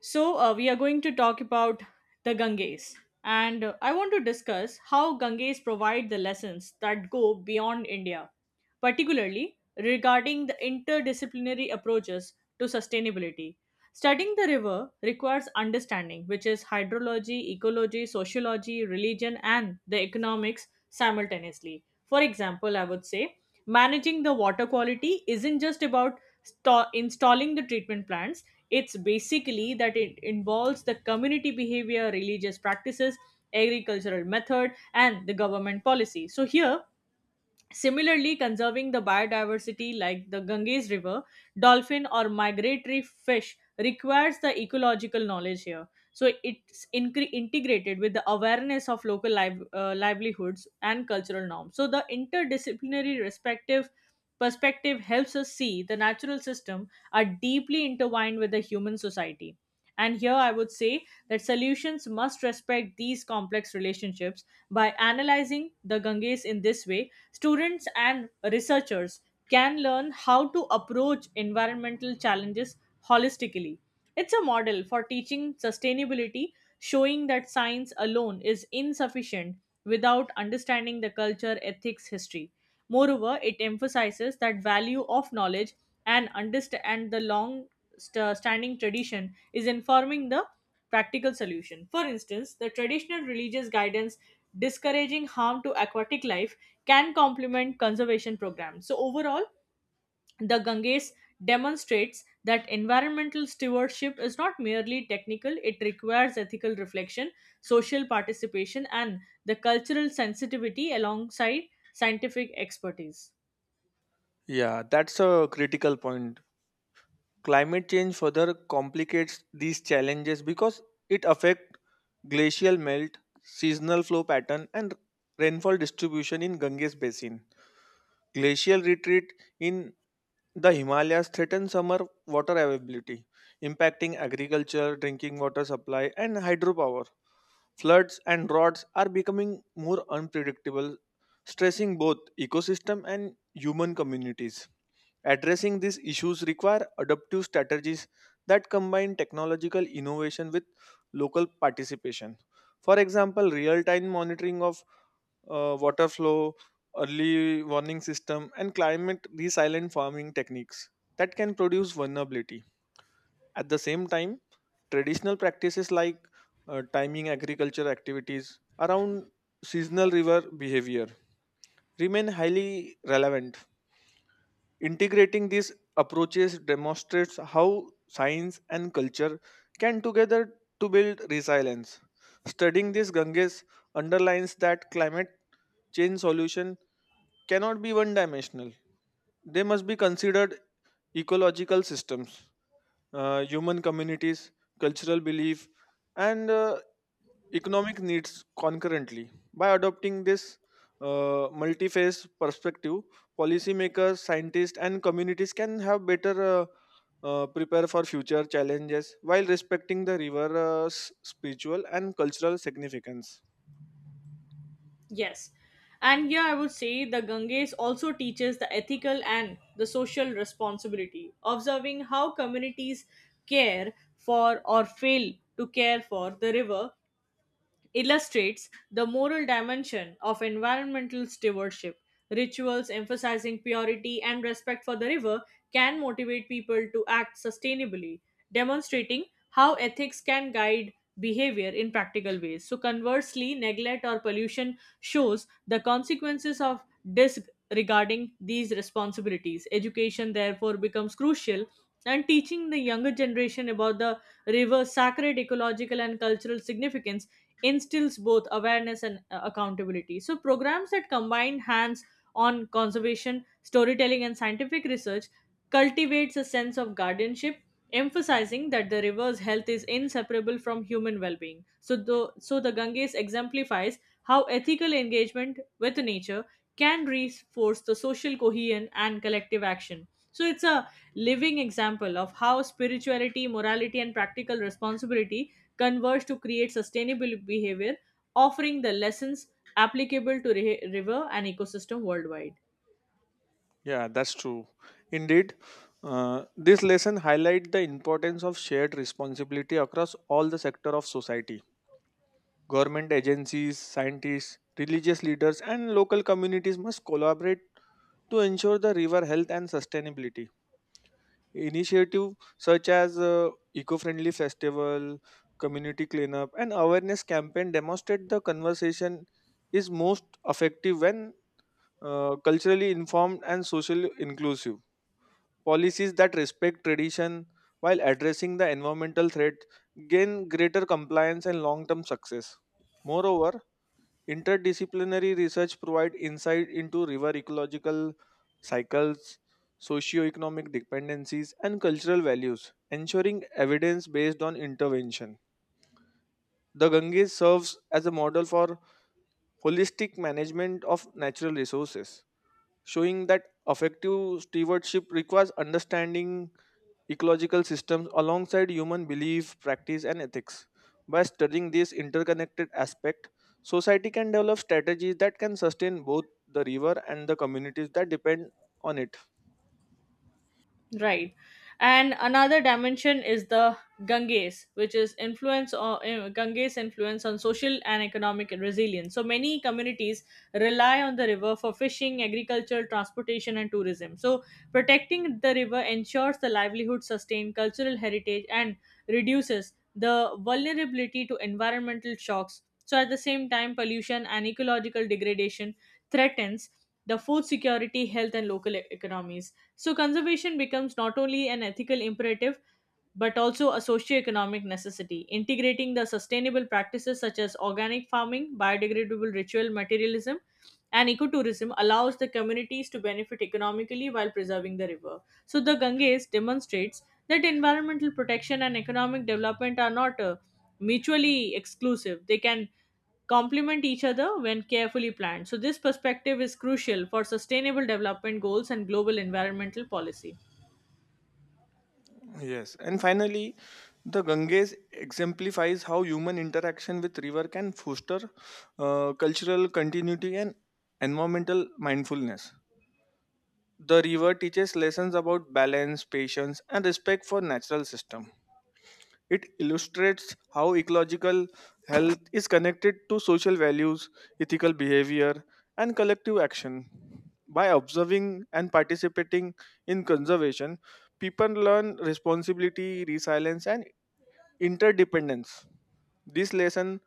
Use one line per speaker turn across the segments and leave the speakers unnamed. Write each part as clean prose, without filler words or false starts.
We are going to talk about the Ganges. And I want to discuss how Ganges provide the lessons that go beyond India, particularly regarding the interdisciplinary approaches to sustainability. Studying the river requires understanding, which is hydrology, ecology, sociology, religion, and the economics simultaneously. For example, I would say managing the water quality isn't just about installing the treatment plants. It's basically that it involves the community behavior, religious practices, agricultural method, and the government policy. So here Similarly, conserving the biodiversity like the Ganges River, dolphin, or migratory fish requires the ecological knowledge here. So it's integrated with the awareness of local livelihoods and cultural norms. So the interdisciplinary respective perspective helps us see the natural system are deeply intertwined with the human society. And here I would say that solutions must respect these complex relationships. By analyzing the Ganges in this way, students and researchers can learn how to approach environmental challenges holistically. It's a model for teaching sustainability, showing that science alone is insufficient without understanding the culture, ethics, history. Moreover, it emphasizes that value of knowledge and understand and the long standing tradition is informing the practical solution. For instance, the traditional religious guidance discouraging harm to aquatic life can complement conservation programs. So, overall, the Ganges demonstrates that environmental stewardship is not merely technical, it requires ethical reflection, social participation, and the cultural sensitivity alongside scientific expertise.
Yeah, that's a critical point. Climate change further complicates these challenges because it affects glacial melt, seasonal flow pattern, and rainfall distribution in Ganges basin. Glacial retreat in the Himalayas threaten summer water availability, impacting agriculture, drinking water supply, and hydropower. Floods and droughts are becoming more unpredictable, stressing both ecosystem and human communities. Addressing these issues require adaptive strategies that combine technological innovation with local participation. For example, real-time monitoring of water flow, early warning system, and climate resilient farming techniques that can produce vulnerability. At the same time, traditional practices like timing agriculture activities around seasonal river behavior remain highly relevant. Integrating these approaches demonstrates how science and culture can together to build resilience. Studying this Ganges underlines that climate change solution cannot be one dimensional. They must be considered ecological systems, human communities, cultural belief, and economic needs concurrently. By adopting this multi-phase perspective, policymakers, scientists, and communities can have better prepare for future challenges while respecting the river's spiritual and cultural significance.
Yes. And here I would say the Ganges also teaches the ethical and the social responsibility. Observing how communities care for or fail to care for the river illustrates the moral dimension of environmental stewardship. Rituals emphasizing purity and respect for the river can motivate people to act sustainably, demonstrating how ethics can guide behavior in practical ways. So, conversely, neglect or pollution shows the consequences of disregarding these responsibilities. Education, therefore, becomes crucial, and teaching the younger generation about the river's sacred ecological and cultural significance instills both awareness and accountability. So, programs that combine hands on conservation, storytelling, and scientific research cultivates a sense of guardianship, emphasizing that the river's health is inseparable from human well being. So, the Ganges exemplifies how ethical engagement with nature can reinforce the social cohesion and collective action. So, it's a living example of how spirituality, morality, and practical responsibility converge to create sustainable behavior, offering the lessons applicable to river and ecosystem worldwide.
Yeah, that's true. Indeed, this lesson highlight the importance of shared responsibility across all the sector of society. Government agencies, scientists, religious leaders, and local communities must collaborate to ensure the river health and sustainability. Initiatives such as eco-friendly festival, community cleanup, and awareness campaign demonstrate the conversation is most effective when culturally informed and socially inclusive. Policies that respect tradition while addressing the environmental threat gain greater compliance and long-term success. Moreover, interdisciplinary research provides insight into river ecological cycles, socio-economic dependencies, and cultural values, ensuring evidence based on intervention. The Ganges serves as a model for holistic management of natural resources, showing that effective stewardship requires understanding ecological systems alongside human belief, practice, and ethics. By studying this interconnected aspect, society can develop strategies that can sustain both the river and the communities that depend on it.
Right. And another dimension is the Ganges, which is influence or Ganges influence on social and economic resilience. So many communities rely on the river for fishing, agriculture, transportation, and tourism. So protecting the river ensures the livelihood, sustain cultural heritage, and reduces the vulnerability to environmental shocks. So at the same time, pollution and ecological degradation threatens the food security, health, and local economies. So, conservation becomes not only an ethical imperative but also a socioeconomic necessity. Integrating the sustainable practices such as organic farming, biodegradable ritual materialism, and ecotourism allows the communities to benefit economically while preserving the river. So the Ganges demonstrates that environmental protection and economic development are not mutually exclusive. They can complement each other when carefully planned. So this perspective is crucial for sustainable development goals and global environmental policy.
Yes, and finally, the Ganges exemplifies how human interaction with river can foster cultural continuity and environmental mindfulness. The river teaches lessons about balance, patience, and respect for natural system. It illustrates how ecological health is connected to social values, ethical behavior, and collective action. By observing and participating in conservation, people learn responsibility, resilience, and interdependence. This lesson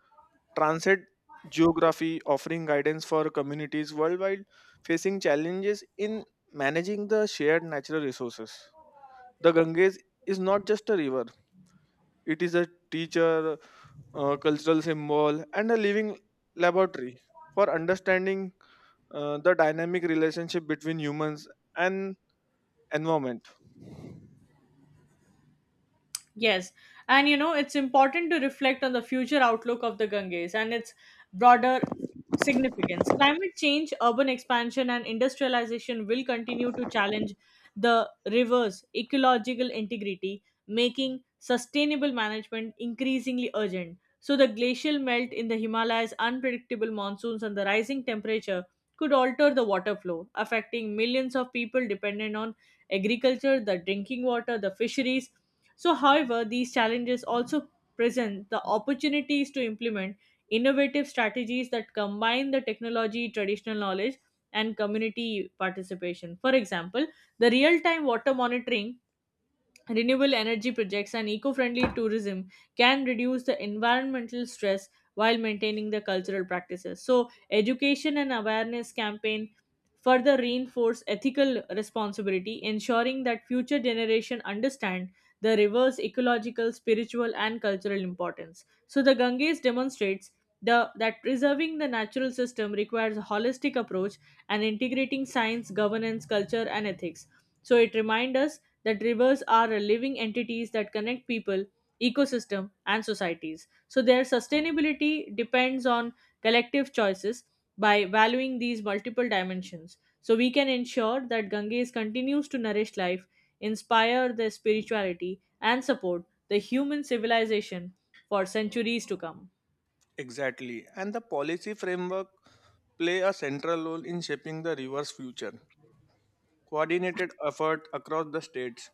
transcends geography, offering guidance for communities worldwide facing challenges in managing the shared natural resources. The Ganges is not just a river, it is a teacher, cultural symbol, and a living laboratory for understanding the dynamic relationship between humans and environment.
Yes, and you know, it's important to reflect on the future outlook of the Ganges and its broader significance. Climate change, urban expansion, and industrialization will continue to challenge the river's ecological integrity, making sustainable management increasingly urgent. So, the glacial melt in the Himalayas, unpredictable monsoons, and the rising temperature could alter the water flow, affecting millions of people dependent on agriculture, the drinking water, the fisheries. So, however, these challenges also present the opportunities to implement innovative strategies that combine the technology, traditional knowledge, and community participation. For example, the real time water monitoring, renewable energy projects, and eco friendly tourism can reduce the environmental stress while maintaining the cultural practices. So, education and awareness campaigns further reinforce ethical responsibility, ensuring that future generations understand the river's ecological, spiritual, and cultural importance. So the Ganges demonstrates that preserving the natural system requires a holistic approach and integrating science, governance, culture, and ethics. So it reminds us that rivers are living entities that connect people, ecosystem, and societies. So their sustainability depends on collective choices by valuing these multiple dimensions. So we can ensure that Ganges continues to nourish life, inspire the spirituality, and support the human civilization for centuries to come.
Exactly. And the policy framework play a central role in shaping the river's future. Coordinated effort across the states,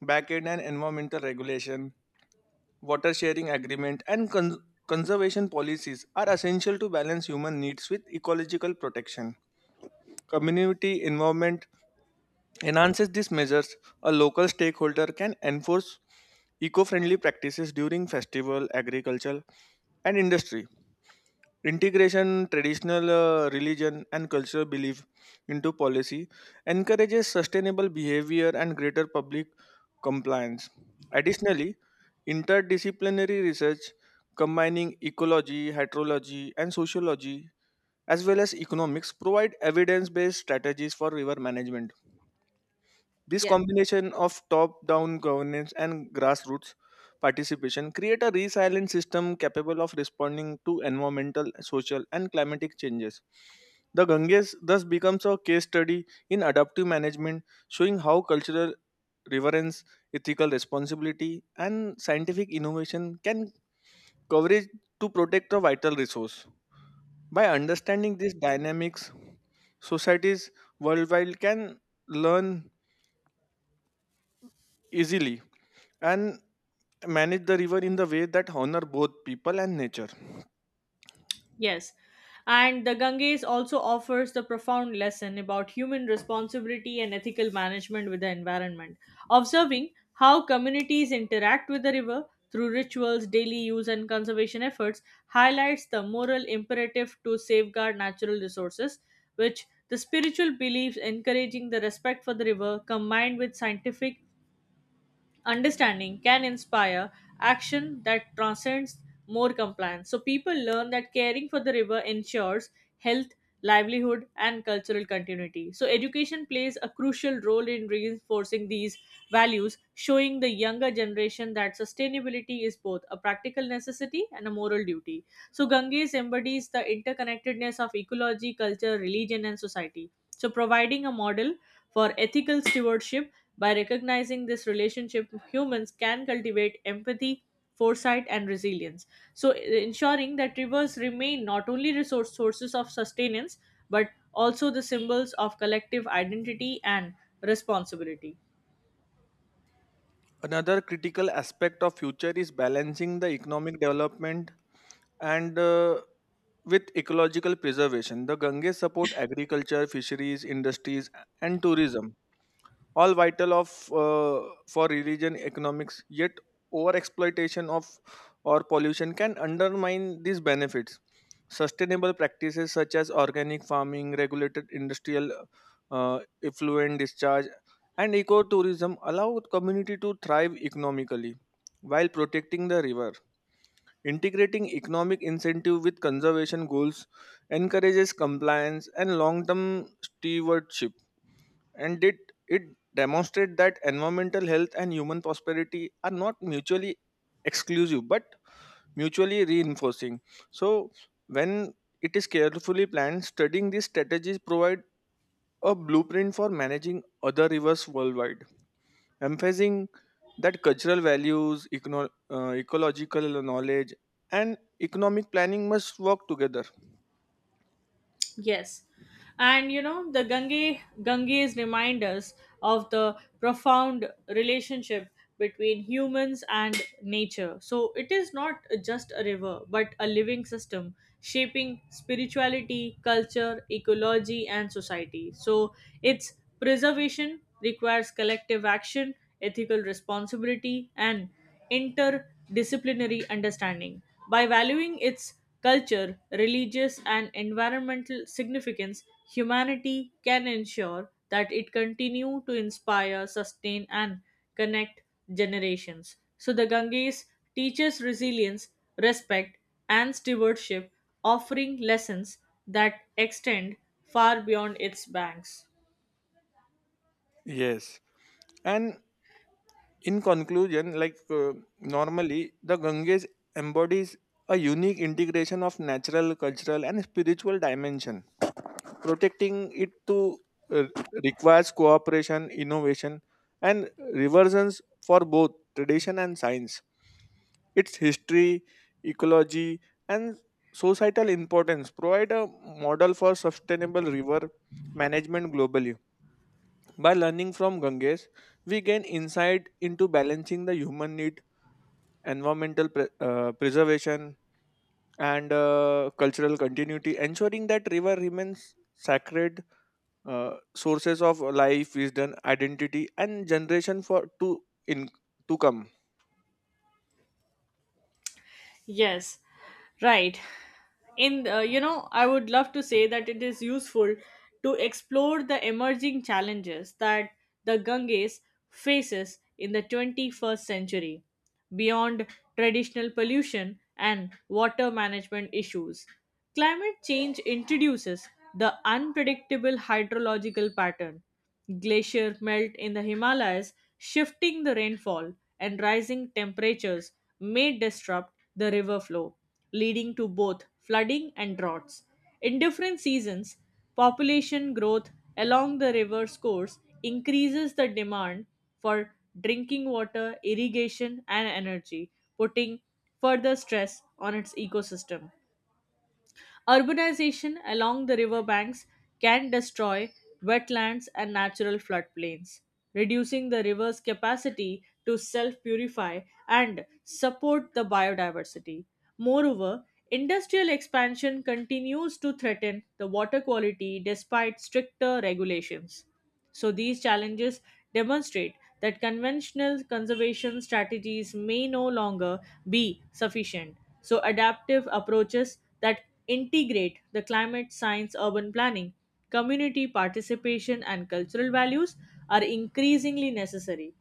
back-end and environmental regulation, water sharing agreement and conservation policies are essential to balance human needs with ecological protection. Community involvement enhances these measures, a local stakeholder can enforce eco-friendly practices during festival, agriculture, and industry. Integration traditional religion and cultural belief into policy encourages sustainable behavior and greater public compliance. Additionally, interdisciplinary research combining ecology, hydrology, and sociology as well as economics provide evidence-based strategies for river management. This
Yes.
combination of top-down governance and grassroots participation create a resilient system capable of responding to environmental, social, and climatic changes. The Ganges thus becomes a case study in adaptive management, showing how cultural reverence, ethical responsibility, and scientific innovation can coverage to protect a vital resource. By understanding these dynamics, societies worldwide can learn easily and manage the river in the way that honor both people and nature.
Yes. And the Ganges also offers the profound lesson about human responsibility and ethical management with the environment. Observing how communities interact with the river through rituals, daily use, and conservation efforts highlights the moral imperative to safeguard natural resources, which the spiritual beliefs encouraging the respect for the river combined with scientific understanding can inspire action that transcends more compliance. So people learn that caring for the river ensures health, livelihood, and cultural continuity. So education plays a crucial role in reinforcing these values, showing the younger generation that sustainability is both a practical necessity and a moral duty. So Ganges embodies the interconnectedness of ecology, culture, religion, and society, so providing a model for ethical stewardship. By recognizing this relationship, humans can cultivate empathy, foresight, and resilience, so ensuring that rivers remain not only resource sources of sustenance, but also the symbols of collective identity and responsibility.
Another critical aspect of future is balancing the economic development and with ecological preservation. The Ganges support agriculture, fisheries, industries, and tourism, all vital of for religion economics, yet over exploitation of or pollution can undermine these benefits. Sustainable practices such as organic farming, regulated industrial effluent discharge, and ecotourism allow community to thrive economically while protecting the river. Integrating economic incentive with conservation goals encourages compliance and long-term stewardship, and it demonstrates that environmental health and human prosperity are not mutually exclusive but mutually reinforcing, so when it is carefully planned, studying these strategies provide a blueprint for managing other rivers worldwide, emphasizing that cultural values, ecological knowledge, and economic planning must work together.
Yes. And you know, the Ganges remind us of the profound relationship between humans and nature. So it is not just a river, but a living system shaping spirituality, culture, ecology, and society. So its preservation requires collective action, ethical responsibility, and interdisciplinary understanding. By valuing its culture, religious, and environmental significance, humanity can ensure that it continue to inspire, sustain, and connect generations. So the Ganges teaches resilience, respect, and stewardship, offering lessons that extend far beyond its banks.
Yes, and in conclusion, the Ganges embodies a unique integration of natural, cultural, and spiritual dimension. Protecting it to uh, requires cooperation, innovation, and reversions for both tradition and science. Its history, ecology, and societal importance provide a model for sustainable river management globally. By learning from Ganges, we gain insight into balancing the human need, preservation, and cultural continuity, ensuring that river remains sacred sources of life, wisdom, identity, and generation for to in to come.
Yes, right. In You know, I would love to say that it is useful to explore the emerging challenges that the Ganges faces in the 21st century beyond traditional pollution and water management issues. Climate change introduces the unpredictable hydrological pattern. Glacier melt in the Himalayas, shifting the rainfall, and rising temperatures may disrupt the river flow, leading to both flooding and droughts. In different seasons, population growth along the river's course increases the demand for drinking water, irrigation, and energy, putting further stress on its ecosystem. Urbanization along the riverbanks can destroy wetlands and natural floodplains, reducing the river's capacity to self purify and support the biodiversity. Moreover, industrial expansion continues to threaten the water quality despite stricter regulations. So, these challenges demonstrate that conventional conservation strategies may no longer be sufficient. So, adaptive approaches that integrate the climate science, urban planning, community participation, and cultural values are increasingly necessary.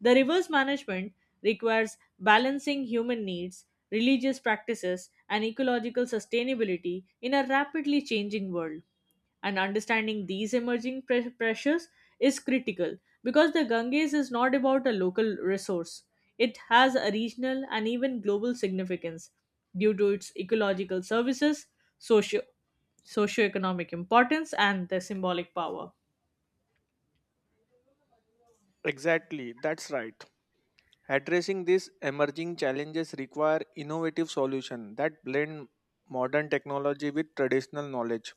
The reverse management requires balancing human needs, religious practices, and ecological sustainability in a rapidly changing world, and understanding these emerging pressures is critical because the Ganges is not about a local resource. It has a regional and even global significance due to its ecological services, socio socioeconomic importance, and the symbolic power.
Exactly, that's right. Addressing these emerging challenges require innovative solutions that blend modern technology with traditional knowledge.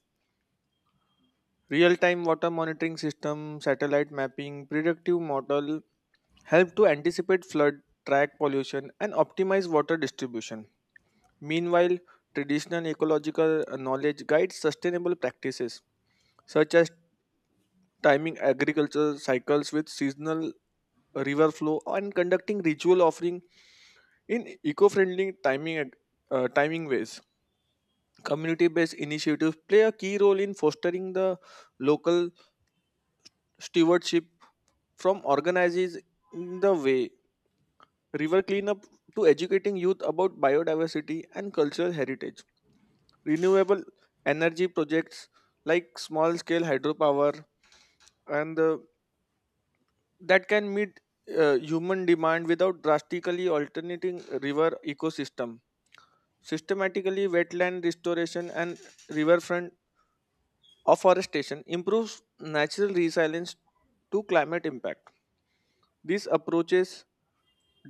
Real-time water monitoring system, satellite mapping, predictive model help to anticipate flood, track pollution, and optimize water distribution. Meanwhile, traditional ecological knowledge guides sustainable practices such as timing agriculture cycles with seasonal river flow and conducting ritual offering in eco-friendly timing ways. Community-based initiatives play a key role in fostering the local stewardship, from organizing the way river cleanup to educating youth about biodiversity and cultural heritage. Renewable energy projects like small scale hydropower and that can meet human demand without drastically altering river ecosystem. Systematically wetland restoration and riverfront afforestation improves natural resilience to climate impact. These approaches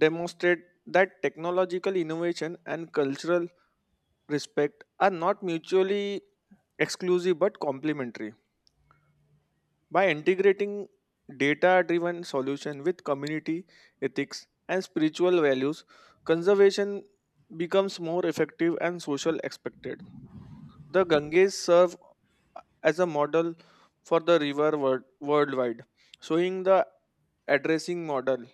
demonstrate that technological innovation and cultural respect are not mutually exclusive but complementary. By integrating data driven solution with community ethics and spiritual values, conservation becomes more effective and social expected. The Ganges serve as a model for the river world, worldwide, showing the addressing model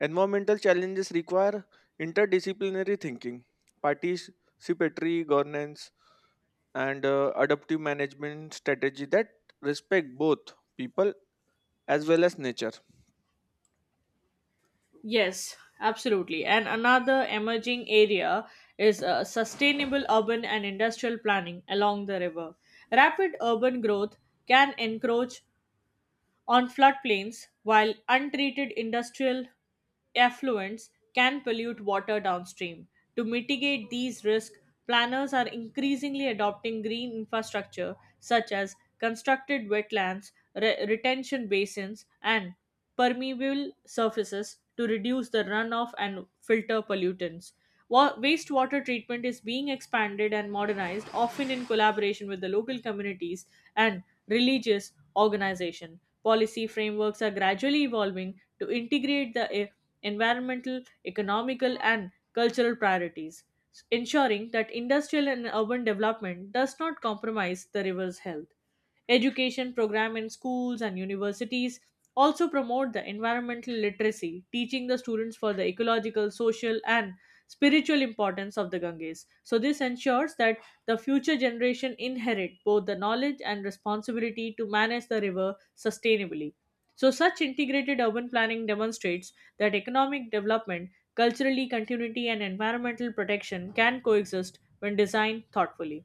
environmental challenges require interdisciplinary thinking, participatory governance, and adaptive management strategy that respect both people as well as nature.
Yes, absolutely. And another emerging area is sustainable urban and industrial planning along the river. Rapid urban growth can encroach on floodplains, while untreated industrial effluents can pollute water downstream. To mitigate these risks, planners are increasingly adopting green infrastructure such as constructed wetlands, retention basins, and permeable surfaces to reduce the runoff and filter pollutants. Wastewater treatment is being expanded and modernized, often in collaboration with the local communities and religious organizations. Policy frameworks are gradually evolving to integrate the environmental, economical, and cultural priorities, ensuring that industrial and urban development does not compromise the river's health. Education program in schools and universities also promote the environmental literacy, teaching the students for the ecological, social, and spiritual importance of the Ganges. So, this ensures that the future generation inherit both the knowledge and responsibility to manage the river sustainably. So, such integrated urban planning demonstrates that economic development, culturally continuity, and environmental protection can coexist when designed thoughtfully.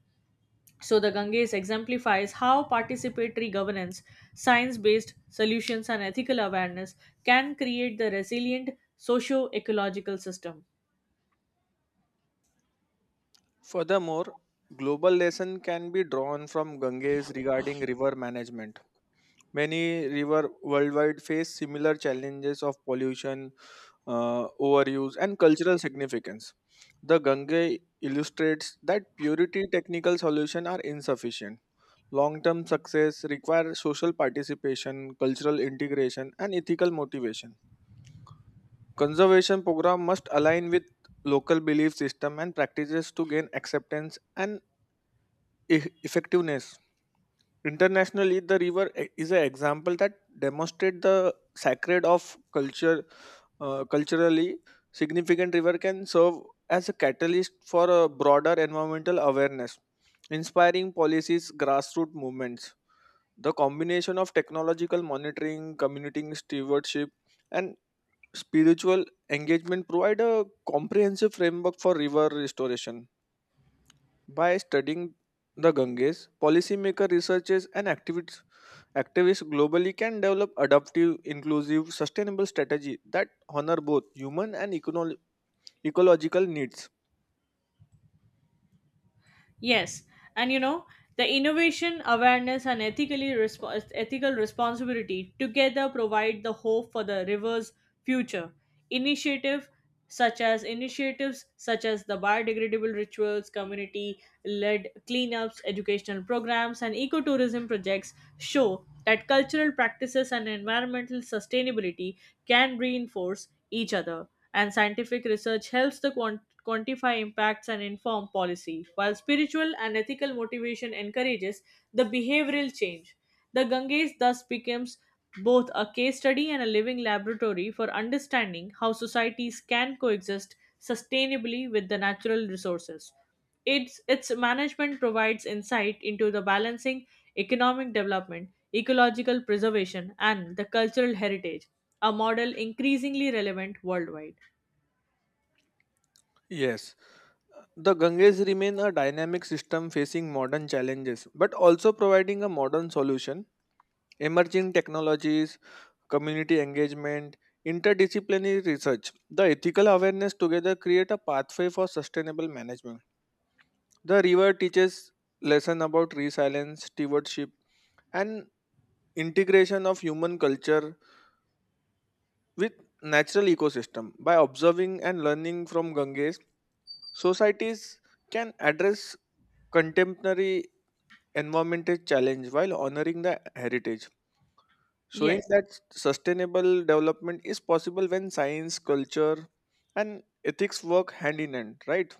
So the Ganges exemplifies how participatory governance, science-based solutions and ethical awareness can create the resilient socio-ecological system.
Furthermore, global lesson can be drawn from Ganges regarding river management. Many rivers worldwide face similar challenges of pollution, overuse, and cultural significance. The Gange illustrates that purity technical solutions are insufficient. Long term success requires social participation, cultural integration, and ethical motivation. Conservation program must align with local belief system and practices to gain acceptance and effectiveness. Internationally, the river is an example that demonstrate the sacred of culture. Culturally significant river can serve as a catalyst for a broader environmental awareness, inspiring policies, grassroots movements. The combination of technological monitoring, community stewardship, and spiritual engagement provide a comprehensive framework for river restoration. By studying the Ganges, policymaker researchers and activists globally can develop adaptive, inclusive, sustainable strategy that honor both human and ecological needs.
Yes, and you know, the innovation, awareness, and ethically ethical responsibility together provide the hope for the river's future. Initiative Initiatives such as the biodegradable rituals, community-led cleanups, educational programs, and ecotourism projects show that cultural practices and environmental sustainability can reinforce each other. And scientific research helps the quantify impacts and inform policy, while spiritual and ethical motivation encourages the behavioral change. The Ganges thus becomes both a case study and a living laboratory for understanding how societies can coexist sustainably with the natural resources. Its management provides insight into the balancing economic development, ecological preservation, and the cultural heritage, a model increasingly relevant worldwide.
Yes, the Ganges remain a dynamic system facing modern challenges, but also providing a modern solution. Emerging technologies, community engagement, interdisciplinary research, the ethical awareness together create a pathway for sustainable management. The river teaches lesson about resilience, stewardship, and integration of human culture with natural ecosystem. By observing and learning from ganges, societies can address contemporary environmental challenge while honoring the heritage, showing
Yes.
that sustainable development is possible when science, culture, and ethics work hand in hand, right?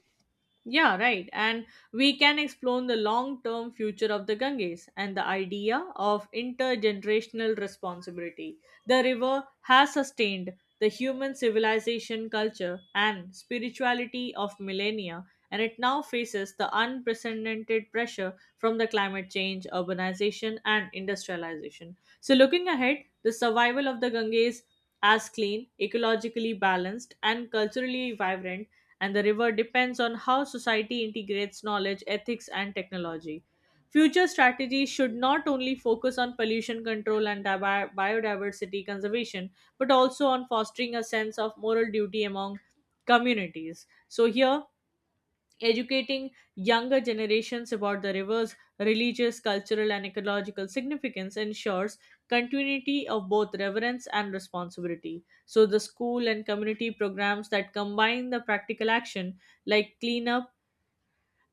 Yeah, right. And we can explore the long term future of the Ganges and the idea of intergenerational responsibility. The river has sustained the human civilization, culture, and spirituality of millennia, and it now faces the unprecedented pressure from the climate change, urbanization, and industrialization. So, looking ahead, the survival of the Ganges as clean, ecologically balanced, and culturally vibrant and the river depends on how society integrates knowledge, ethics, and technology. Future strategies should not only focus on pollution control and biodiversity conservation, but also on fostering a sense of moral duty among communities. So, here educating younger generations about the river's religious, cultural, and ecological significance ensures continuity of both reverence and responsibility. So, the school and community programs that combine the practical action, like cleanup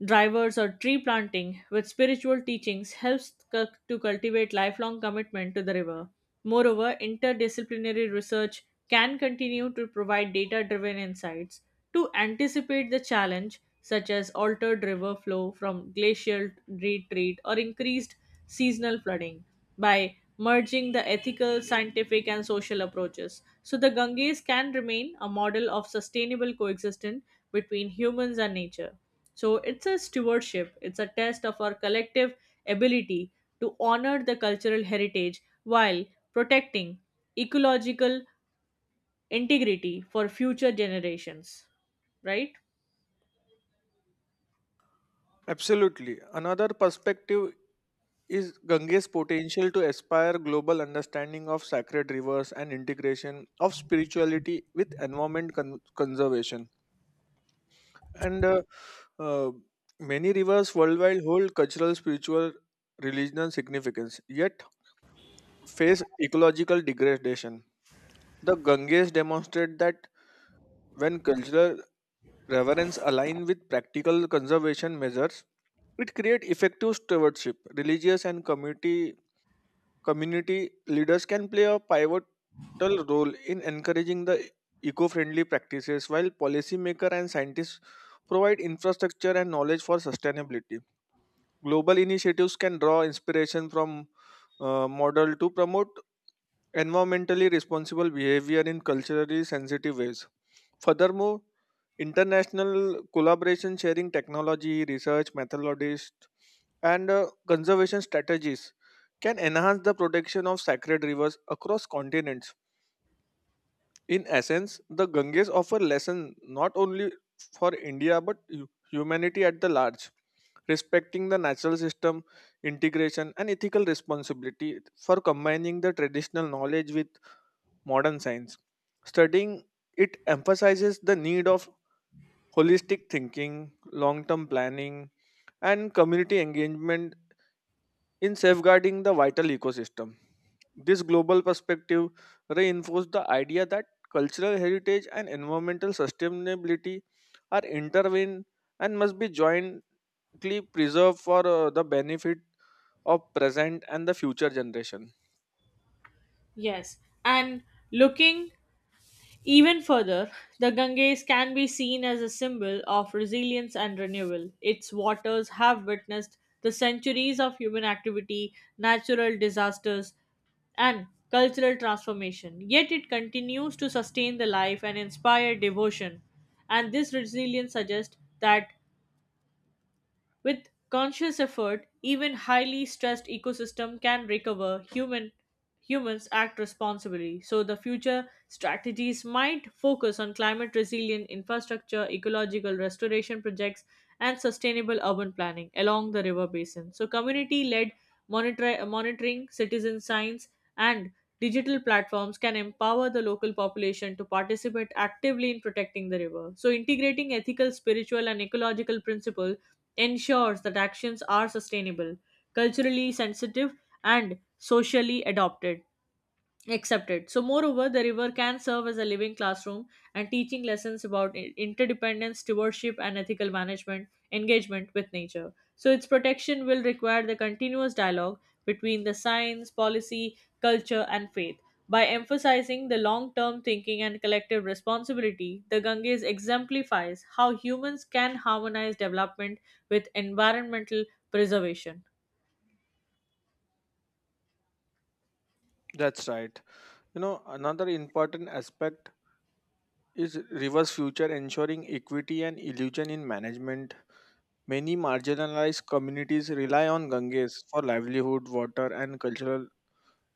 drivers, or tree planting with spiritual teachings helps to cultivate lifelong commitment to the river. Moreover, interdisciplinary research can continue to provide data driven insights to anticipate the challenge such as altered river flow from glacial retreat or increased seasonal flooding by merging the ethical, scientific, and social approaches. So the Ganges can remain a model of sustainable coexistence between humans and nature. So it's a stewardship, it's a test of our collective ability to honor the cultural heritage while protecting ecological integrity for future generations, right?
Absolutely. Another perspective is Gange's potential to aspire global understanding of sacred rivers and integration of spirituality with conservation. And uh, many rivers worldwide hold cultural, spiritual, religious significance, yet face ecological degradation. The Ganges demonstrate that when cultural reverence align with practical conservation measures, it creates effective stewardship. Religious and community leaders can play a pivotal role in encouraging the eco-friendly practices, while policymakers and scientists provide infrastructure and knowledge for sustainability. Global initiatives can draw inspiration from model to promote environmentally responsible behavior in culturally sensitive ways. Furthermore, international collaboration sharing technology, research methodologies, and conservation strategies can enhance the protection of sacred rivers across continents. In essence, the Ganges offer lesson not only for India but humanity at the large, respecting the natural system, integration, and ethical responsibility for combining the traditional knowledge with modern science. Studying it emphasizes the need of holistic thinking, long term planning, and community engagement in safeguarding the vital ecosystem. This global perspective reinforces the idea that cultural heritage and environmental sustainability are intertwined and must be jointly preserved for the benefit of present and the future generation.
Yes. And looking even further, the Ganges can be seen as a symbol of resilience and renewal. Its waters have witnessed the centuries of human activity, natural disasters, and cultural transformation, yet it continues to sustain the life and inspire devotion. And this resilience suggests that with conscious effort, even highly stressed ecosystem can recover. Humans act responsibly. So the future strategies might focus on climate resilient infrastructure, ecological restoration projects, and sustainable urban planning along the river basin. So community led monitoring, citizen science, and digital platforms can empower the local population to participate actively in protecting the river. So integrating ethical, spiritual, and ecological principles ensures that actions are sustainable, culturally sensitive, and socially adopted accepted. So, moreover, the river can serve as a living classroom and teaching lessons about interdependence, stewardship, and ethical management, engagement with nature. So, its protection will require the continuous dialogue between the science, policy, culture, and faith. By emphasizing the long term thinking and collective responsibility, the Ganges exemplifies how humans can harmonize development with environmental preservation.
That's right. You know, another important aspect is reverse future ensuring equity and illusion in management. Many marginalized communities rely on Ganges for livelihood, water, and cultural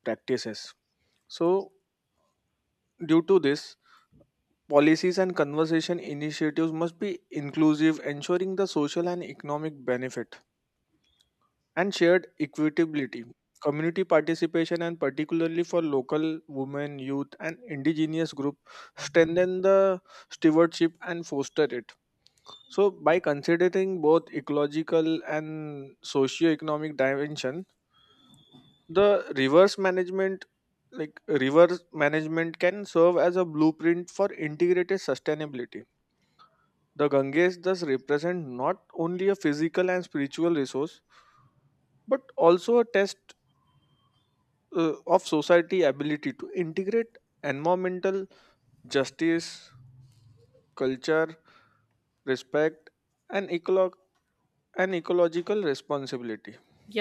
practices. So, due to this, policies and conversation initiatives must be inclusive, ensuring the social and economic benefit and shared equitability. Community participation, and particularly for local women, youth, and indigenous group, strengthen the stewardship and foster it. So, by considering both ecological and socio-economic dimension, the reverse management, like reverse management, can serve as a blueprint for integrated sustainability. The Ganges thus represent not only a physical and spiritual resource, but also a test of society ability to integrate environmental justice, culture, respect, and ecolog, and ecological responsibility.
Yeah,